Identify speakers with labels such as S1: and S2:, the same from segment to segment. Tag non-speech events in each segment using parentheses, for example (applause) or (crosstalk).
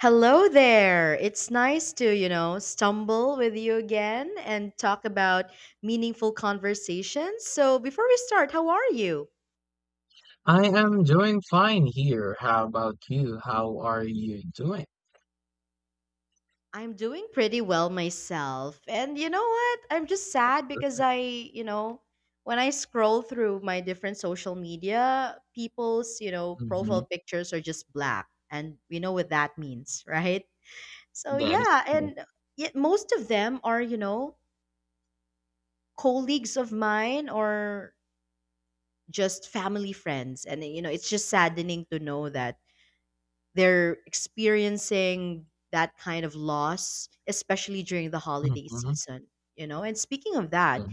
S1: Hello there. It's nice to, stumble with you again and talk about meaningful conversations. So, before we start, how are you?
S2: I am doing fine here. How about you? How are you doing?
S1: I'm doing pretty well myself. And you know what? I'm just
S2: That's
S1: sad because
S2: perfect.
S1: when I scroll through my different social media, people's
S2: Mm-hmm.
S1: profile pictures are just black. And we know what that means, (laughs) right? So,
S2: That is
S1: yeah.
S2: cool.
S1: And yet most of them are, colleagues of mine or just family friends, and it's just saddening to know that they're experiencing that kind of loss, especially during the holiday
S2: Mm-hmm.
S1: season, and speaking of that,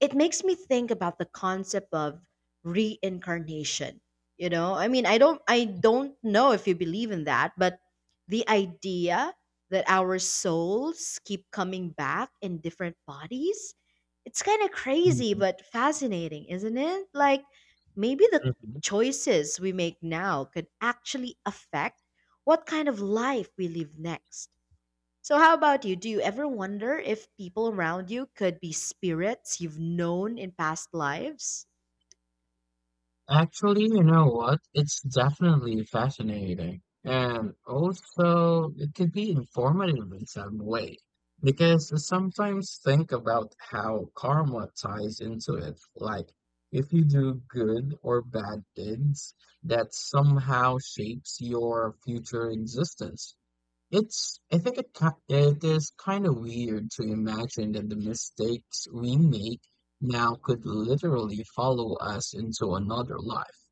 S1: it makes me think about the concept of reincarnation. I don't know if you believe in that, but the idea that our souls keep coming back in different bodies, it's kind of crazy
S2: Mm-hmm.
S1: but fascinating, isn't it? Like, maybe the
S2: hmm
S1: choices we make now could actually affect what kind of life we live next. So, how about you? Do you ever wonder if people around you could be spirits you've known in past lives?
S2: Actually, you know what? It's definitely fascinating. And also, it could be informative in some way. Because I sometimes think about how karma ties into it. Like, if you do good or bad deeds, that somehow shapes your future existence. It's, I think it, ki- It is kind of weird to imagine that the mistakes we make now could literally follow us into another life.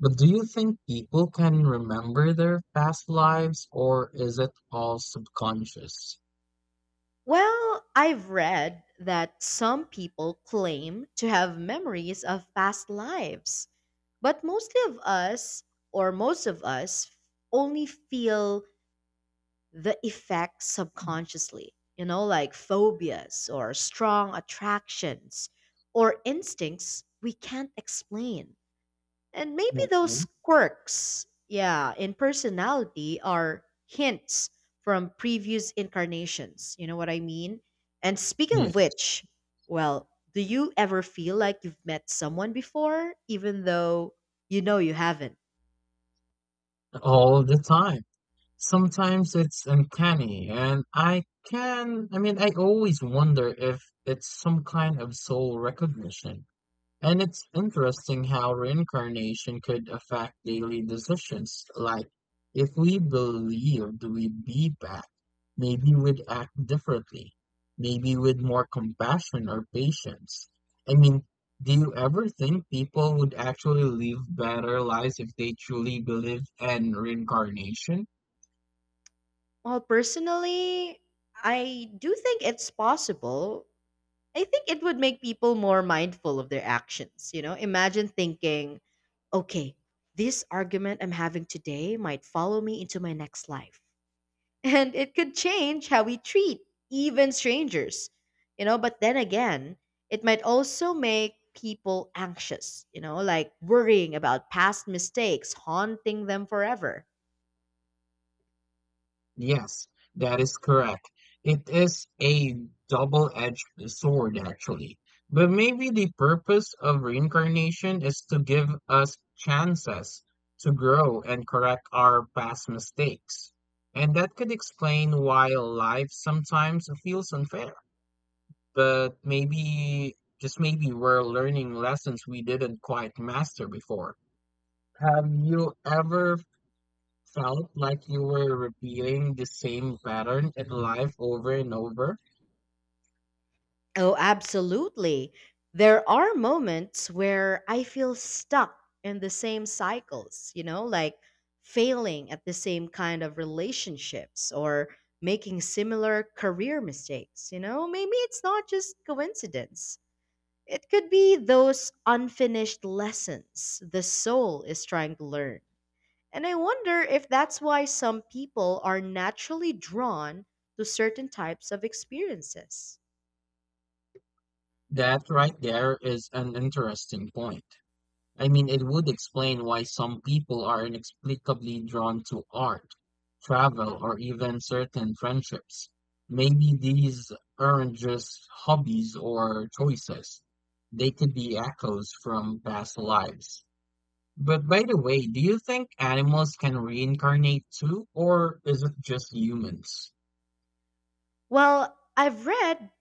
S2: But do you think people can remember their past lives, or is it all subconscious?
S1: Well, I've read that some people claim to have memories of past lives, but most of us only feel the effects subconsciously, you know, like phobias or strong attractions or instincts we can't explain. And maybe those
S2: Mhm.
S1: quirks, yeah, in personality are hints from previous incarnations. You know what I mean? And speaking
S2: Yeah,
S1: of which, well, do you ever feel like you've met someone before, even though you know you haven't?
S2: all the time. Sometimes it's uncanny, and I mean, I always wonder if it's some kind of soul recognition. And it's interesting how reincarnation could affect daily decisions. Like, if we believed we'd be back, maybe we'd act differently, maybe with more compassion or patience. I mean, do you ever think people would actually live better lives if they truly believed in reincarnation?
S1: Well, personally, I do think it's possible. I think it would make people more mindful of their actions. You know, imagine thinking, okay, this argument I'm having today might follow me into my next life. (laughs) And it could change how we treat even strangers. You know, but then again, it might also make people anxious, you know, like worrying about past mistakes haunting them forever.
S2: Yes, that is correct. It is a double-edged sword, actually. But maybe the purpose of reincarnation is to give us chances to grow and correct our past mistakes. And that could explain why life sometimes feels unfair. But maybe, just maybe, we're learning lessons we didn't quite master before. Have you ever felt like you were repeating the same pattern in life over and over?
S1: Oh, absolutely. There are moments where I feel stuck in the same cycles, you know, like failing at the same kind of relationships or making similar career mistakes, you know? Maybe it's not just coincidence. It could be those unfinished lessons the soul is trying to learn. And I wonder if that's why some people are naturally drawn to certain types of experiences.
S2: That right there is an interesting point. I mean, it would explain why some people are inexplicably drawn to art, travel, or even certain friendships. Maybe these aren't just hobbies or choices. They could be echoes from past lives. But by the way, do you think animals can reincarnate too, or is it just humans?
S1: Well, I've read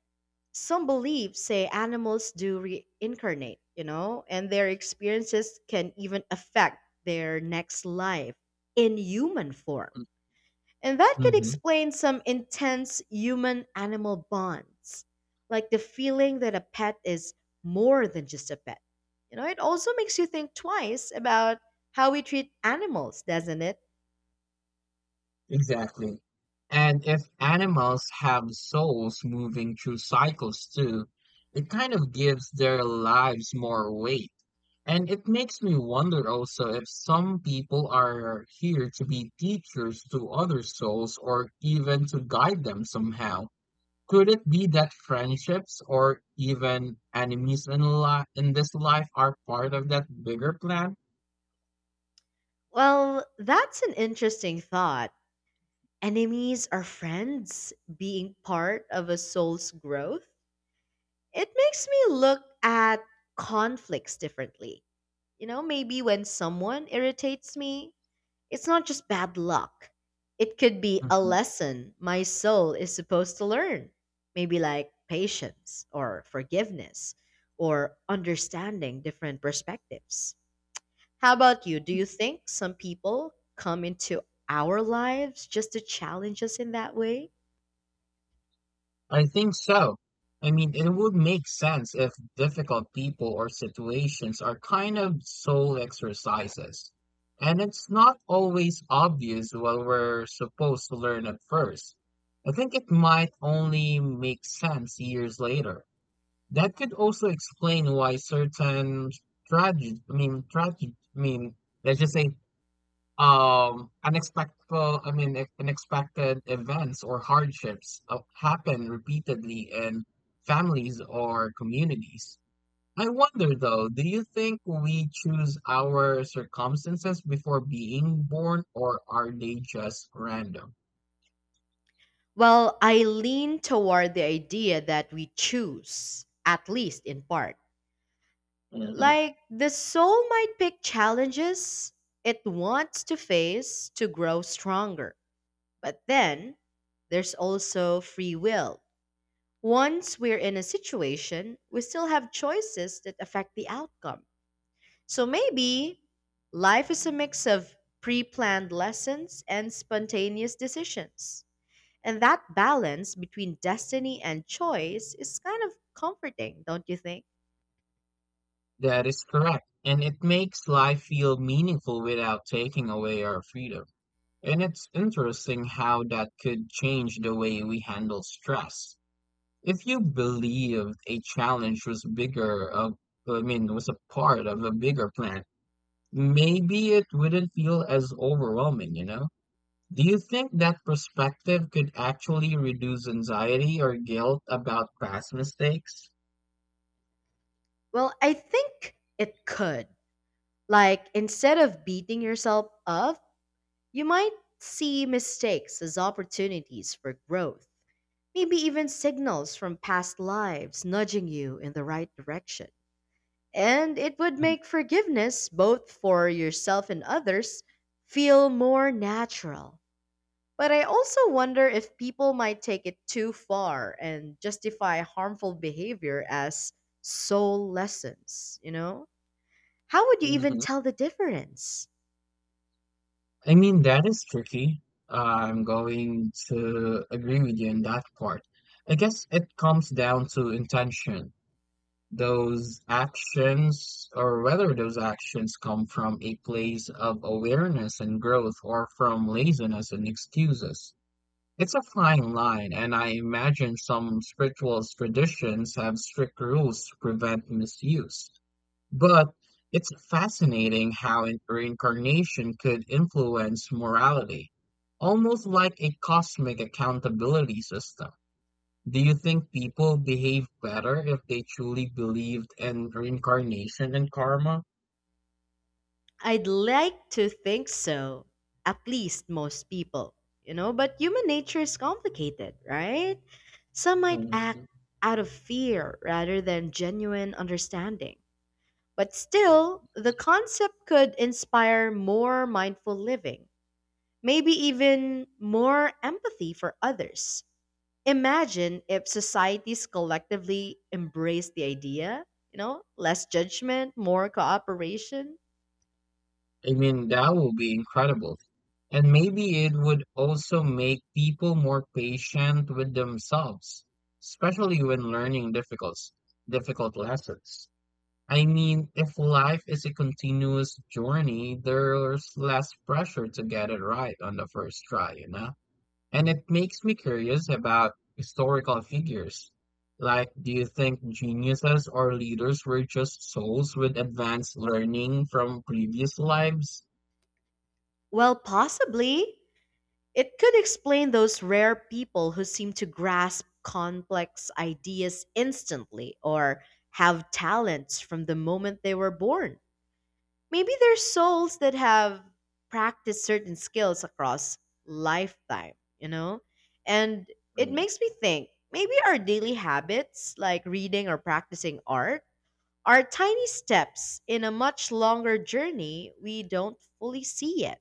S1: some beliefs say animals do reincarnate, you know, and their experiences can even affect their next life in human form.
S2: Mm.
S1: And that could
S2: Mhm.
S1: explain some intense human animal bonds, like the feeling that a pet is more than just a pet. You know, it also makes you think twice about how we treat animals, doesn't it?
S2: Exactly. And if animals have souls moving through cycles too, it kind of gives their lives more weight. And it makes me wonder also if some people are here to be teachers to other souls or even to guide them somehow. Could it be that friendships or even enemies in this life are part of that bigger plan?
S1: Well, that's an interesting thought. Enemies are friends being part of a soul's growth. It makes me look at conflicts differently. You know, maybe when someone irritates me, it's not just bad luck. It could be a
S2: Mm-hmm.
S1: lesson my soul is supposed to learn. Maybe like patience or forgiveness or understanding different perspectives. How about you? Do you think some people come into our lives just to challenge us in that way?
S2: I think so. I mean, it would make sense if difficult people or situations are kind of soul exercises. And it's not always obvious what we're supposed to learn at first. I think it might only make sense years later. That could also explain why certain tragedy, I mean, let's just say, unexpected, I mean, unexpected events or hardships, happen repeatedly in families or communities. I wonder though, do you think we choose our circumstances before being born, or are they just random?
S1: Well, I lean toward the idea that we choose, at least in part.
S2: hmm
S1: Like, the soul might pick challenges it wants to face to grow stronger. But then, there's also free will. Once we're in a situation, we still have choices that affect the outcome. So maybe life is a mix of pre planned lessons and spontaneous decisions. And that balance between destiny and choice is kind of comforting, don't you think?
S2: that is correct, and it makes life feel meaningful without taking away our freedom. And it's interesting how that could change the way we handle stress. If you believed a challenge was I mean, was a part of a bigger plan, maybe it wouldn't feel as overwhelming, you know? Do you think that perspective could actually reduce anxiety or guilt about past mistakes?
S1: Well, I think it could. Like, instead of beating yourself up, you might see mistakes as opportunities for growth. Maybe even signals from past lives nudging you in the right direction. And it would make forgiveness, both for yourself and others, feel more natural. But I also wonder if people might take it too far and justify harmful behavior as soul lessons, you know? How would you even
S2: Mm-hmm.
S1: tell the difference?
S2: I mean, that is tricky. I'm going to agree with you in that part. I guess it comes down to intention. Those actions, or whether those actions come from a place of awareness and growth or from laziness and excuses. It's a fine line, and I imagine some spiritual traditions have strict rules to prevent misuse. But it's fascinating how reincarnation could influence morality, almost like a cosmic accountability system. Do you think people behave better if they truly believed in reincarnation and karma?
S1: I'd like to think so, at least most people, you know? But human nature is complicated, right? Some might act
S2: Mhm.
S1: out of fear rather than genuine understanding. But still, the concept could inspire more mindful living. Maybe even more empathy for others. Imagine if societies collectively embraced the idea, you know, less judgment, more cooperation.
S2: I mean, that would be incredible. And maybe it would also make people more patient with themselves, especially when learning difficult lessons. I mean, if life is a continuous journey, there's less pressure to get it right on the first try, you know? And it makes me curious about historical figures. Like, do you think geniuses or leaders were just souls with advanced learning from previous lives?
S1: Well, possibly. It could explain those rare people who seem to grasp complex ideas instantly or have talents from the moment they were born. Maybe there's souls that have practiced certain skills across lifetime, you know? And it
S2: Mm.
S1: makes me think maybe our daily habits, like reading or practicing art, are tiny steps in a much longer journey we don't fully see yet.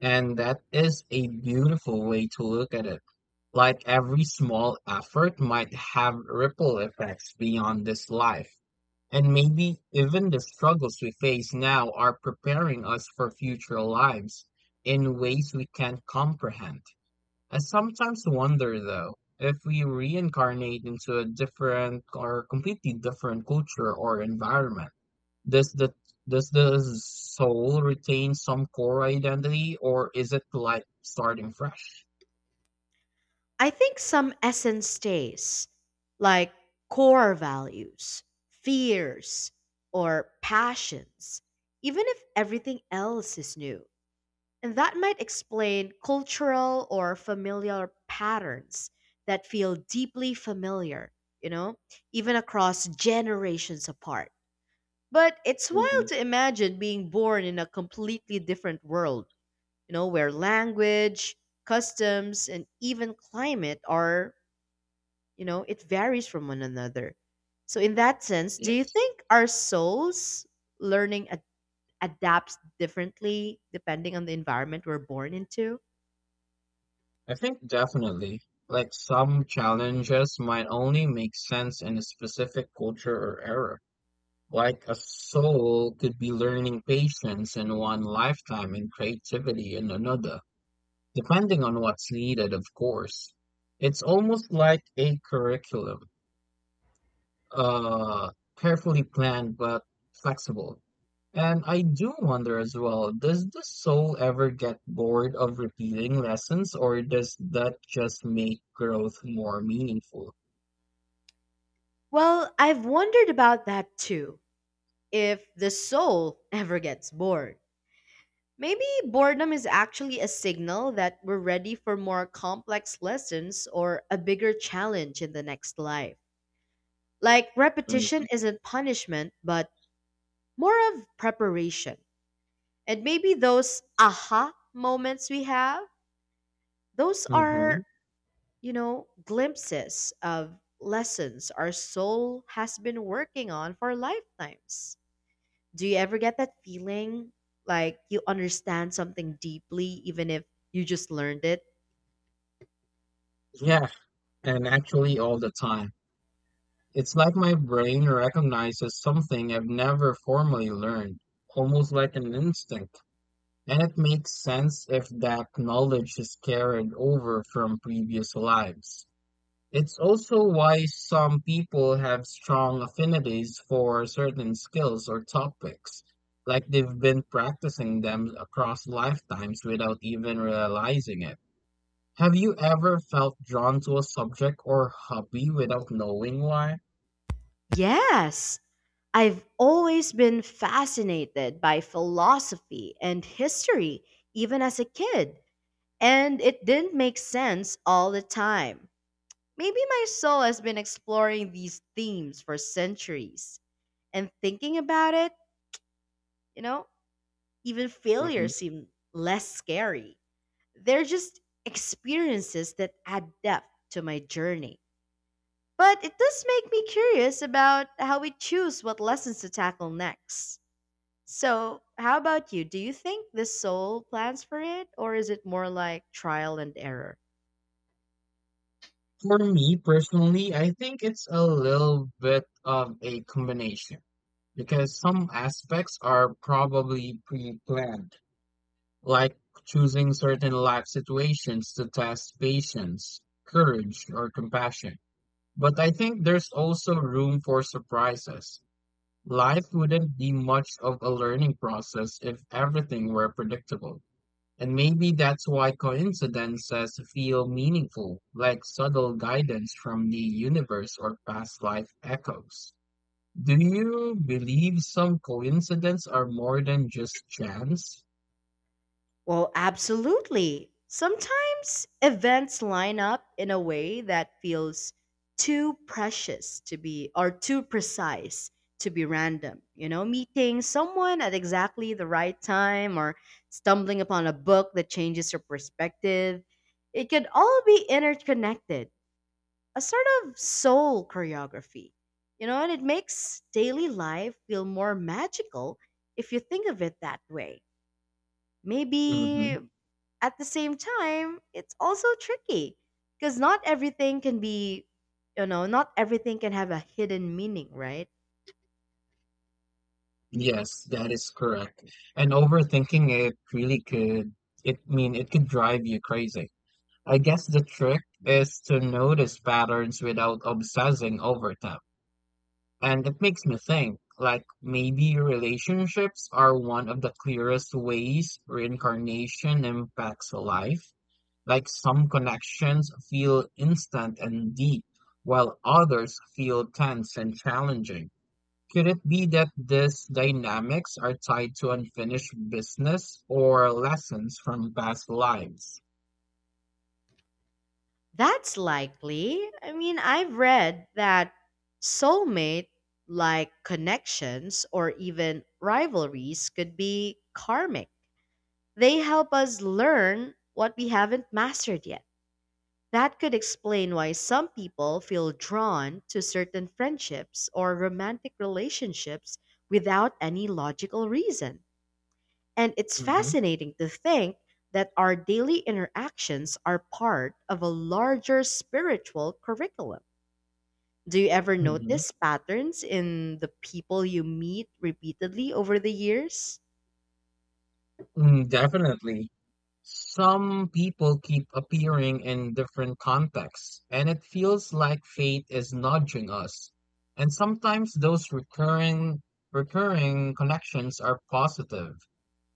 S2: And that is a beautiful way to look at it. Like every small effort might have ripple effects beyond this life. And maybe even the struggles we face now are preparing us for future lives in ways we can't comprehend. I sometimes wonder though, if we reincarnate into a different or completely different culture or environment, does the does the soul retain some core identity, or is it like starting fresh?
S1: I think some essence stays, like core values, fears, or passions, even if everything else is new. And that might explain cultural or familiar patterns that feel deeply familiar, you know, even across generations apart. But it's wild
S2: hmm
S1: to imagine being born in a completely different world, you know, where language, customs, and even climate are, it varies from one another. So, in that sense, do you
S2: Yes.
S1: think our souls learning ad- adapts differently depending on the environment we're born into?
S2: I think definitely. Like some challenges might only make sense in a specific culture or era. Like a soul could be learning patience in one lifetime and creativity in another, depending on what's needed, of course. It's almost like a curriculum, uh, carefully planned but flexible. And I do wonder as well, does the soul ever get bored of repeating lessons, or does that just make growth more meaningful?
S1: Well, I've wondered about that too. If the soul (laughs) ever gets bored, maybe boredom is actually a signal that we're ready for more complex lessons or a bigger challenge in the next life. Like repetition isn't punishment, but more of preparation. And maybe those aha moments we have, those
S2: Mm-hmm.
S1: are, you know, glimpses of lessons our soul has been working on for lifetimes. Do you ever get that feeling like you understand something deeply even if you just learned it?
S2: Yeah, and actually all the time. It's like my brain recognizes something I've never formally learned, almost like an instinct. And it makes sense if that knowledge is carried over from previous lives. It's also why some people have strong affinities for certain skills or topics, like they've been practicing them across lifetimes without even realizing it. Have you ever felt drawn to a subject or hobby without knowing why?
S1: Yes. I've always been fascinated by philosophy and history, even as a kid, and it didn't make sense all the time. Maybe my soul has been exploring these themes for centuries, and thinking about it, you know, even failure
S2: Mhm.
S1: seemed less scary. They're just experiences that add depth to my journey. But it does make me curious about how we choose what lessons to tackle next. So, how about you? Do you think the soul plans for it, or is it more like trial and error?
S2: For me personally, I think it's a little bit of a combination, because some aspects are probably pre-planned, like choosing certain life situations to test patience, courage, or compassion. But I think there's also room for surprises. Life wouldn't be much of a learning process if everything were predictable. And maybe that's why coincidences feel meaningful, like subtle guidance from the universe or past life echoes. Do you believe some coincidences are more than just chance?
S1: Well, absolutely. Sometimes events line up in a way that feels too precise to be random. You know, meeting someone at exactly the right time or stumbling upon a book that changes your perspective. It could all be interconnected, a sort of soul choreography. You know, and it makes daily life feel more magical if you think of it that way.
S2: Mhm.
S1: Maybe at the same time, it's also tricky because not everything can be, you know, not everything can have a hidden meaning, right?
S2: Yes, that is correct. And overthinking it really could, it mean it could drive you crazy. I guess the trick is to notice patterns without obsessing over them. And it makes me think, like maybe relationships are one of the clearest ways reincarnation impacts life. Like some connections feel instant and deep, while others feel tense and challenging. Could it be that these dynamics are tied to unfinished business or lessons from past lives?
S1: That's likely. I mean, I've read that soulmate like connections or even rivalries could be karmic. They help us learn what we haven't mastered yet. That could explain why some people feel drawn to certain friendships or romantic relationships without any logical reason. And it's
S2: hmm
S1: fascinating to think that our daily interactions are part of a larger spiritual curriculum. Do you ever
S2: hmm
S1: notice patterns in the people you meet repeatedly over the years?
S2: Mm, definitely. Some people keep appearing in different contexts, and it feels like fate is nudging us. And sometimes those recurring connections are positive.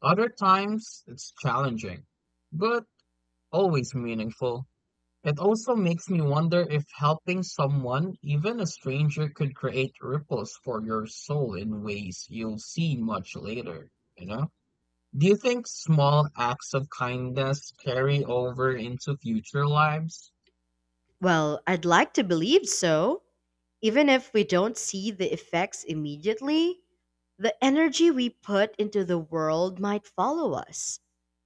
S2: Other times it's challenging, but always meaningful. It also makes me wonder if helping someone, even a stranger, could create ripples for your soul in ways you'll see much later, you know? Do you think small acts of kindness carry over into future lives?
S1: Well, I'd like to believe so. Even if we don't see the effects immediately, the energy we put into the world might follow us.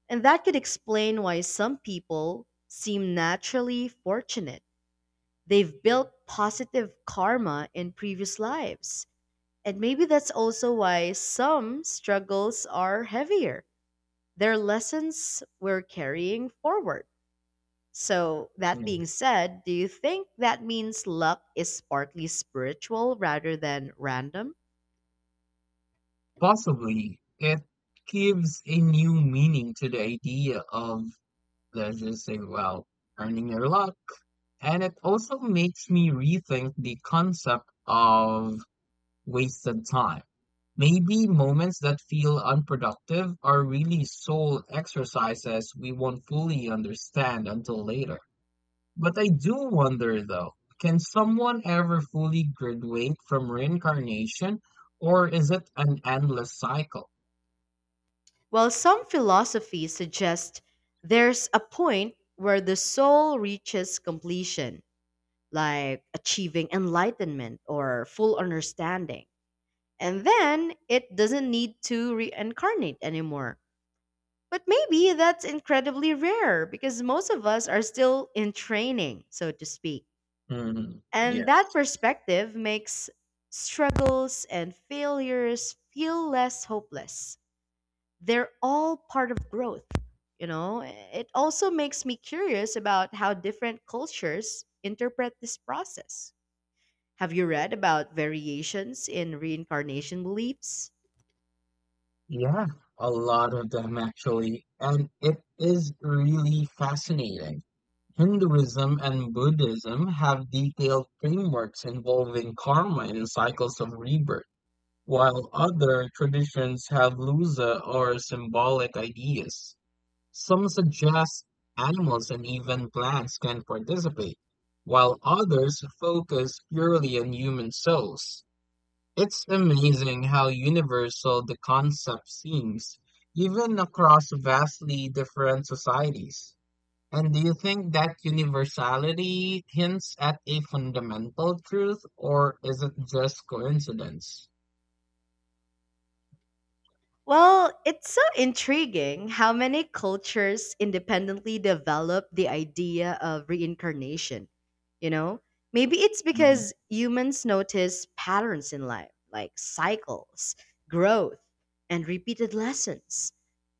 S1: And that could explain why some people seem naturally fortunate. They've built positive karma in previous lives. And maybe that's also why some struggles are heavier. They're lessons we're carrying forward. So, that
S2: Hmm.
S1: being said, do you think that means luck is partly spiritual rather than random?
S2: Possibly. It gives a new meaning to the idea of, let's just say, well, earning your luck. And it also makes me rethink the concept of wasted time. Maybe moments that feel unproductive are really soul exercises we won't fully understand until later. But I do wonder though, can someone ever fully graduate from reincarnation, or is it an endless cycle?
S1: While some philosophies suggest there's a point where the soul reaches completion, like achieving enlightenment or full understanding. And then it doesn't need to reincarnate anymore. But maybe that's incredibly rare because most of us are still in training, so to speak.
S2: Hmm, yeah.
S1: And that perspective makes struggles and failures feel less hopeless. They're all part of growth, you know? It also makes me curious about how different cultures interpret this process. Have you read about variations in reincarnation beliefs?
S2: Yeah, a lot of them actually. And it is really fascinating. Hinduism and Buddhism have detailed frameworks involving karma and cycles of rebirth. While other traditions have looser or symbolic ideas, some suggest animals and even plants can participate, while others focus purely on human souls. It's amazing how universal the concept seems, even across vastly different societies. And do you think that universality hints at a fundamental truth, or is it just coincidence?
S1: Well, it's so intriguing how many cultures independently develop the idea of reincarnation. You know, maybe it's
S2: Mhm.
S1: because humans notice patterns in life, like cycles, growth, and repeated lessons.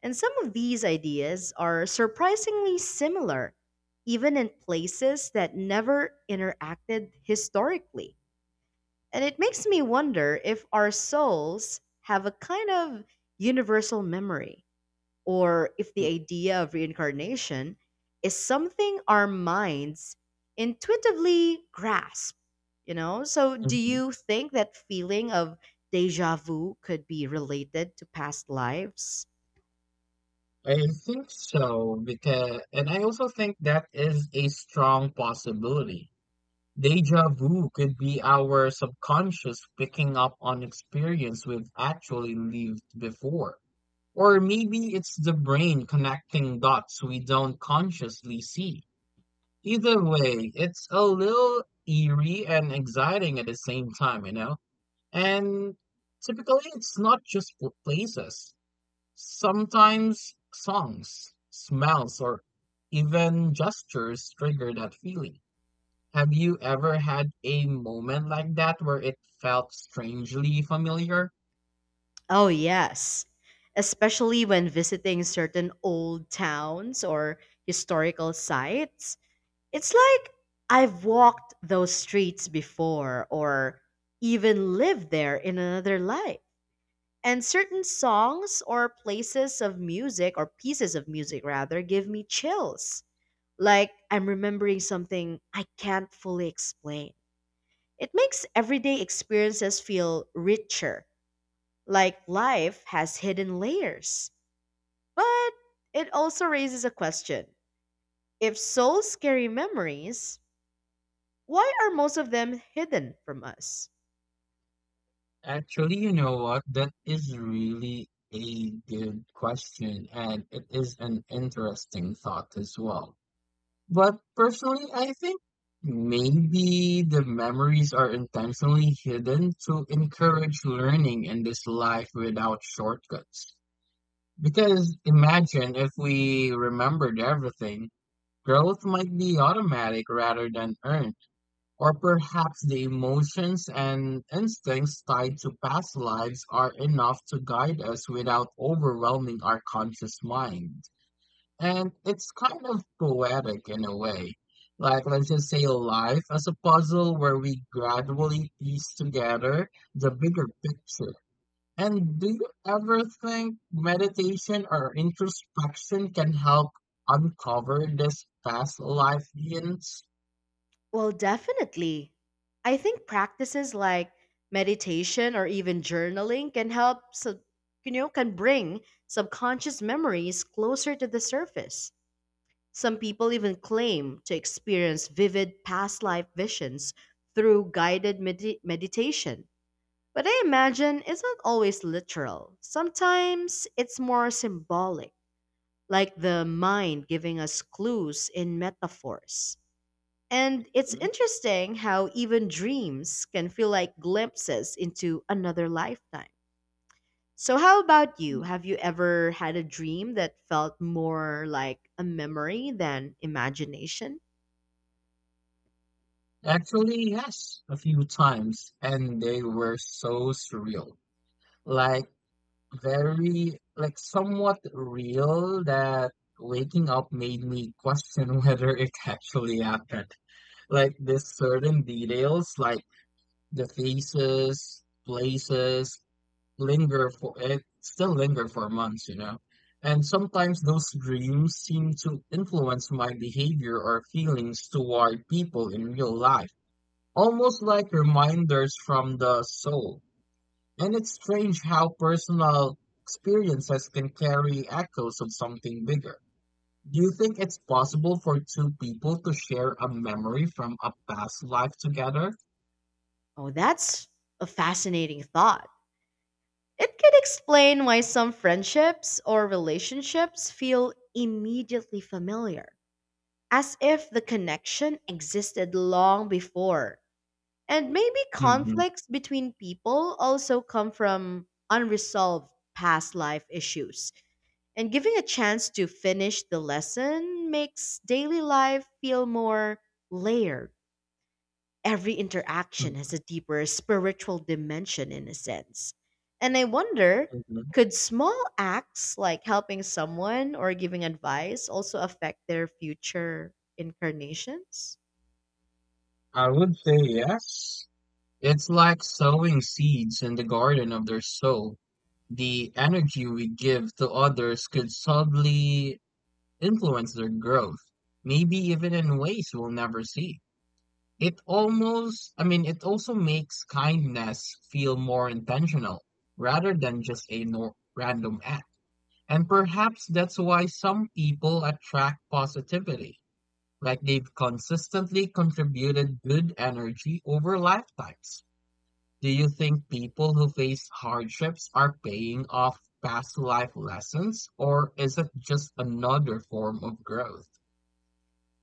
S1: And some of these ideas are surprisingly similar, even in places that never interacted historically. And it makes me wonder if our souls have a kind of universal memory, or if the idea of reincarnation is something our minds intuitively grasp, you know? So, do
S2: Mhm.
S1: you think that feeling of deja vu could be related to past lives?
S2: I think so, because, and I also think, that is a strong possibility. Deja vu could be our subconscious picking up on experience we've actually lived before. Or maybe it's the brain connecting dots we don't consciously see. Either way, it's a little eerie and exciting at the same time, you know? And typically, it's not just places. Sometimes songs, smells, or even gestures trigger that feeling. Have you ever had a moment like that where it felt strangely familiar?
S1: Oh, yes. Especially when visiting certain old towns or historical sites. It's like I've walked those streets before or even lived there in another life. And certain songs or places of music or pieces of music rather give me chills. Like I'm remembering something I can't fully explain. It makes everyday experiences feel richer, like life has hidden layers. But it also raises a question. If souls carry memories, why are most of them hidden from us?
S2: Actually, you know what? That is really a good question, and it is an interesting thought as well. But personally, I think maybe the memories are intentionally hidden to encourage learning in this life without shortcuts. Because imagine if we remembered everything, growth might be automatic rather than earned, or perhaps the emotions and instincts tied to past lives are enough to guide us without overwhelming our conscious mind. And it's kind of poetic in a way. Like, let's just say life as a puzzle where we gradually piece together the bigger picture. And do you ever think meditation or introspection can help uncover this past life hints?
S1: Well, definitely. I think practices like meditation or even journaling can help, can bring subconscious memories closer to the surface. Some people even claim to experience vivid past life visions through meditation. But I imagine it's not always literal. Sometimes it's more symbolic, like the mind giving us clues in metaphors. And it's interesting how even dreams can feel like glimpses into another lifetime. So, how about you? Have you ever had a dream that felt more like a memory than imagination?
S2: Actually, yes, a few times, and they were so surreal. Like very, like somewhat real, that waking up made me question (laughs) whether it actually happened. Like this certain details, like the faces, places, linger for it still linger for months, you know. And sometimes those dreams seem to influence my behavior or feelings toward people in real life, almost like reminders from the soul. And it's strange how personal experiences can carry echoes of something bigger. Do you think it's possible for two people to share a memory from a past life together?
S1: Oh, that's a fascinating thought. It could explain why some friendships or relationships feel immediately familiar, as if the connection existed long before. And maybe
S2: hmm
S1: conflicts between people also come from unresolved past life issues. And giving a chance to finish the lesson makes daily life feel more layered. Every interaction
S2: hmm
S1: has a deeper spiritual dimension in a sense. And I wonder, could small acts like helping someone or giving advice also affect their future incarnations?
S2: I would say yes. It's like sowing seeds in the garden of their soul. The energy we give to others could subtly influence their growth, maybe even in ways we'll never see. I mean, it also makes kindness feel more intentional rather than just a nor random act. And perhaps that's why some people attract positivity, like they've consistently contributed good energy over lifetimes. Do you think people who face hardships are paying off past life lessons, or is it just another form of growth?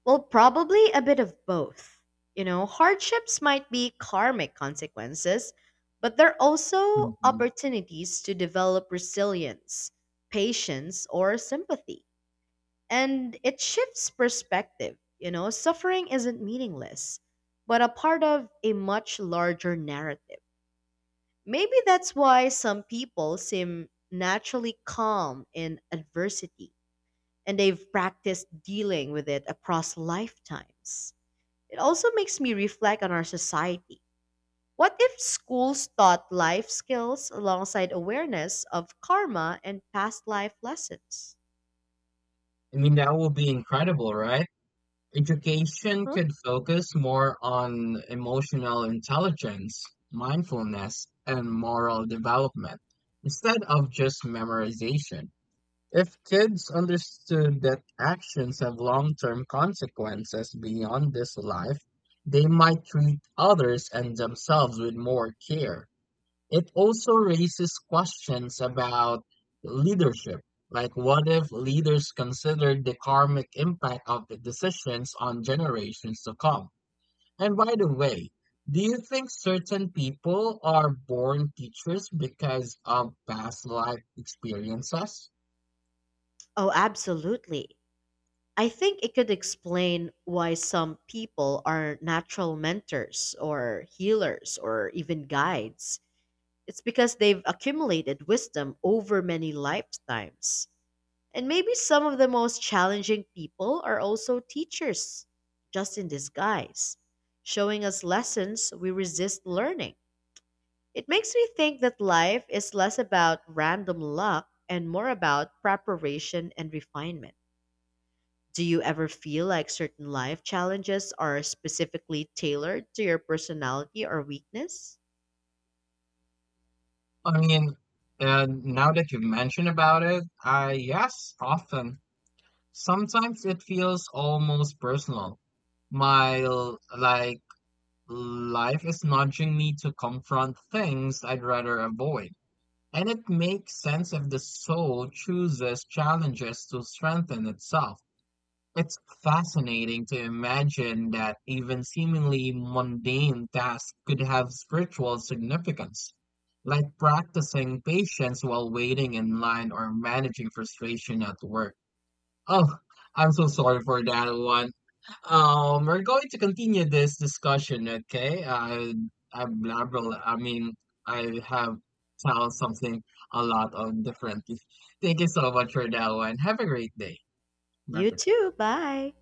S1: Well, probably a bit of both. You know, hardships might be karmic consequences, but they're also
S2: Mhm.
S1: opportunities to develop resilience, patience, or sympathy. And it shifts perspective. You know, suffering isn't meaningless, but a part of a much larger narrative. Maybe that's why some people seem naturally calm in adversity and they've practiced dealing with it across lifetimes. It also makes me reflect on our society. What if schools taught life skills alongside awareness of karma and past life lessons?
S2: I mean, that will be incredible, right? Education
S1: Mhm.
S2: could focus more on emotional intelligence, mindfulness, and moral development instead of just memorization. If kids understood that actions have long-term consequences beyond this life, they might treat others and themselves with more care. It also raises questions about leadership. Like, what if leaders considered the karmic impact of the decisions on generations to come? And by the way, do you think certain people are born teachers because of past life experiences?
S1: Oh, absolutely. I think it could explain why some people are natural mentors or healers or even guides. It's because they've accumulated wisdom over many lifetimes. And maybe some of the most challenging people are also teachers, just in disguise, showing us lessons we resist learning. It makes me think that life is less about random luck and more about preparation and refinement. Do you ever feel like certain life challenges are specifically tailored to your personality or weakness?
S2: I mean, now that you've mentioned about it, I yes, often. Sometimes it feels almost personal. Like life is nudging me to confront things I'd rather avoid. And it makes sense if the soul chooses challenges to strengthen itself. It's fascinating to imagine that even seemingly mundane tasks could have spiritual significance, like practicing patience while waiting in line or managing frustration at work. Oh, I'm so sorry for that one. We're going to continue this discussion, okay? I blabber, I mean, I have tell something a lot of differently. Thank you so much for that one. Have a great day, my
S1: You
S2: friend.
S1: too. Bye.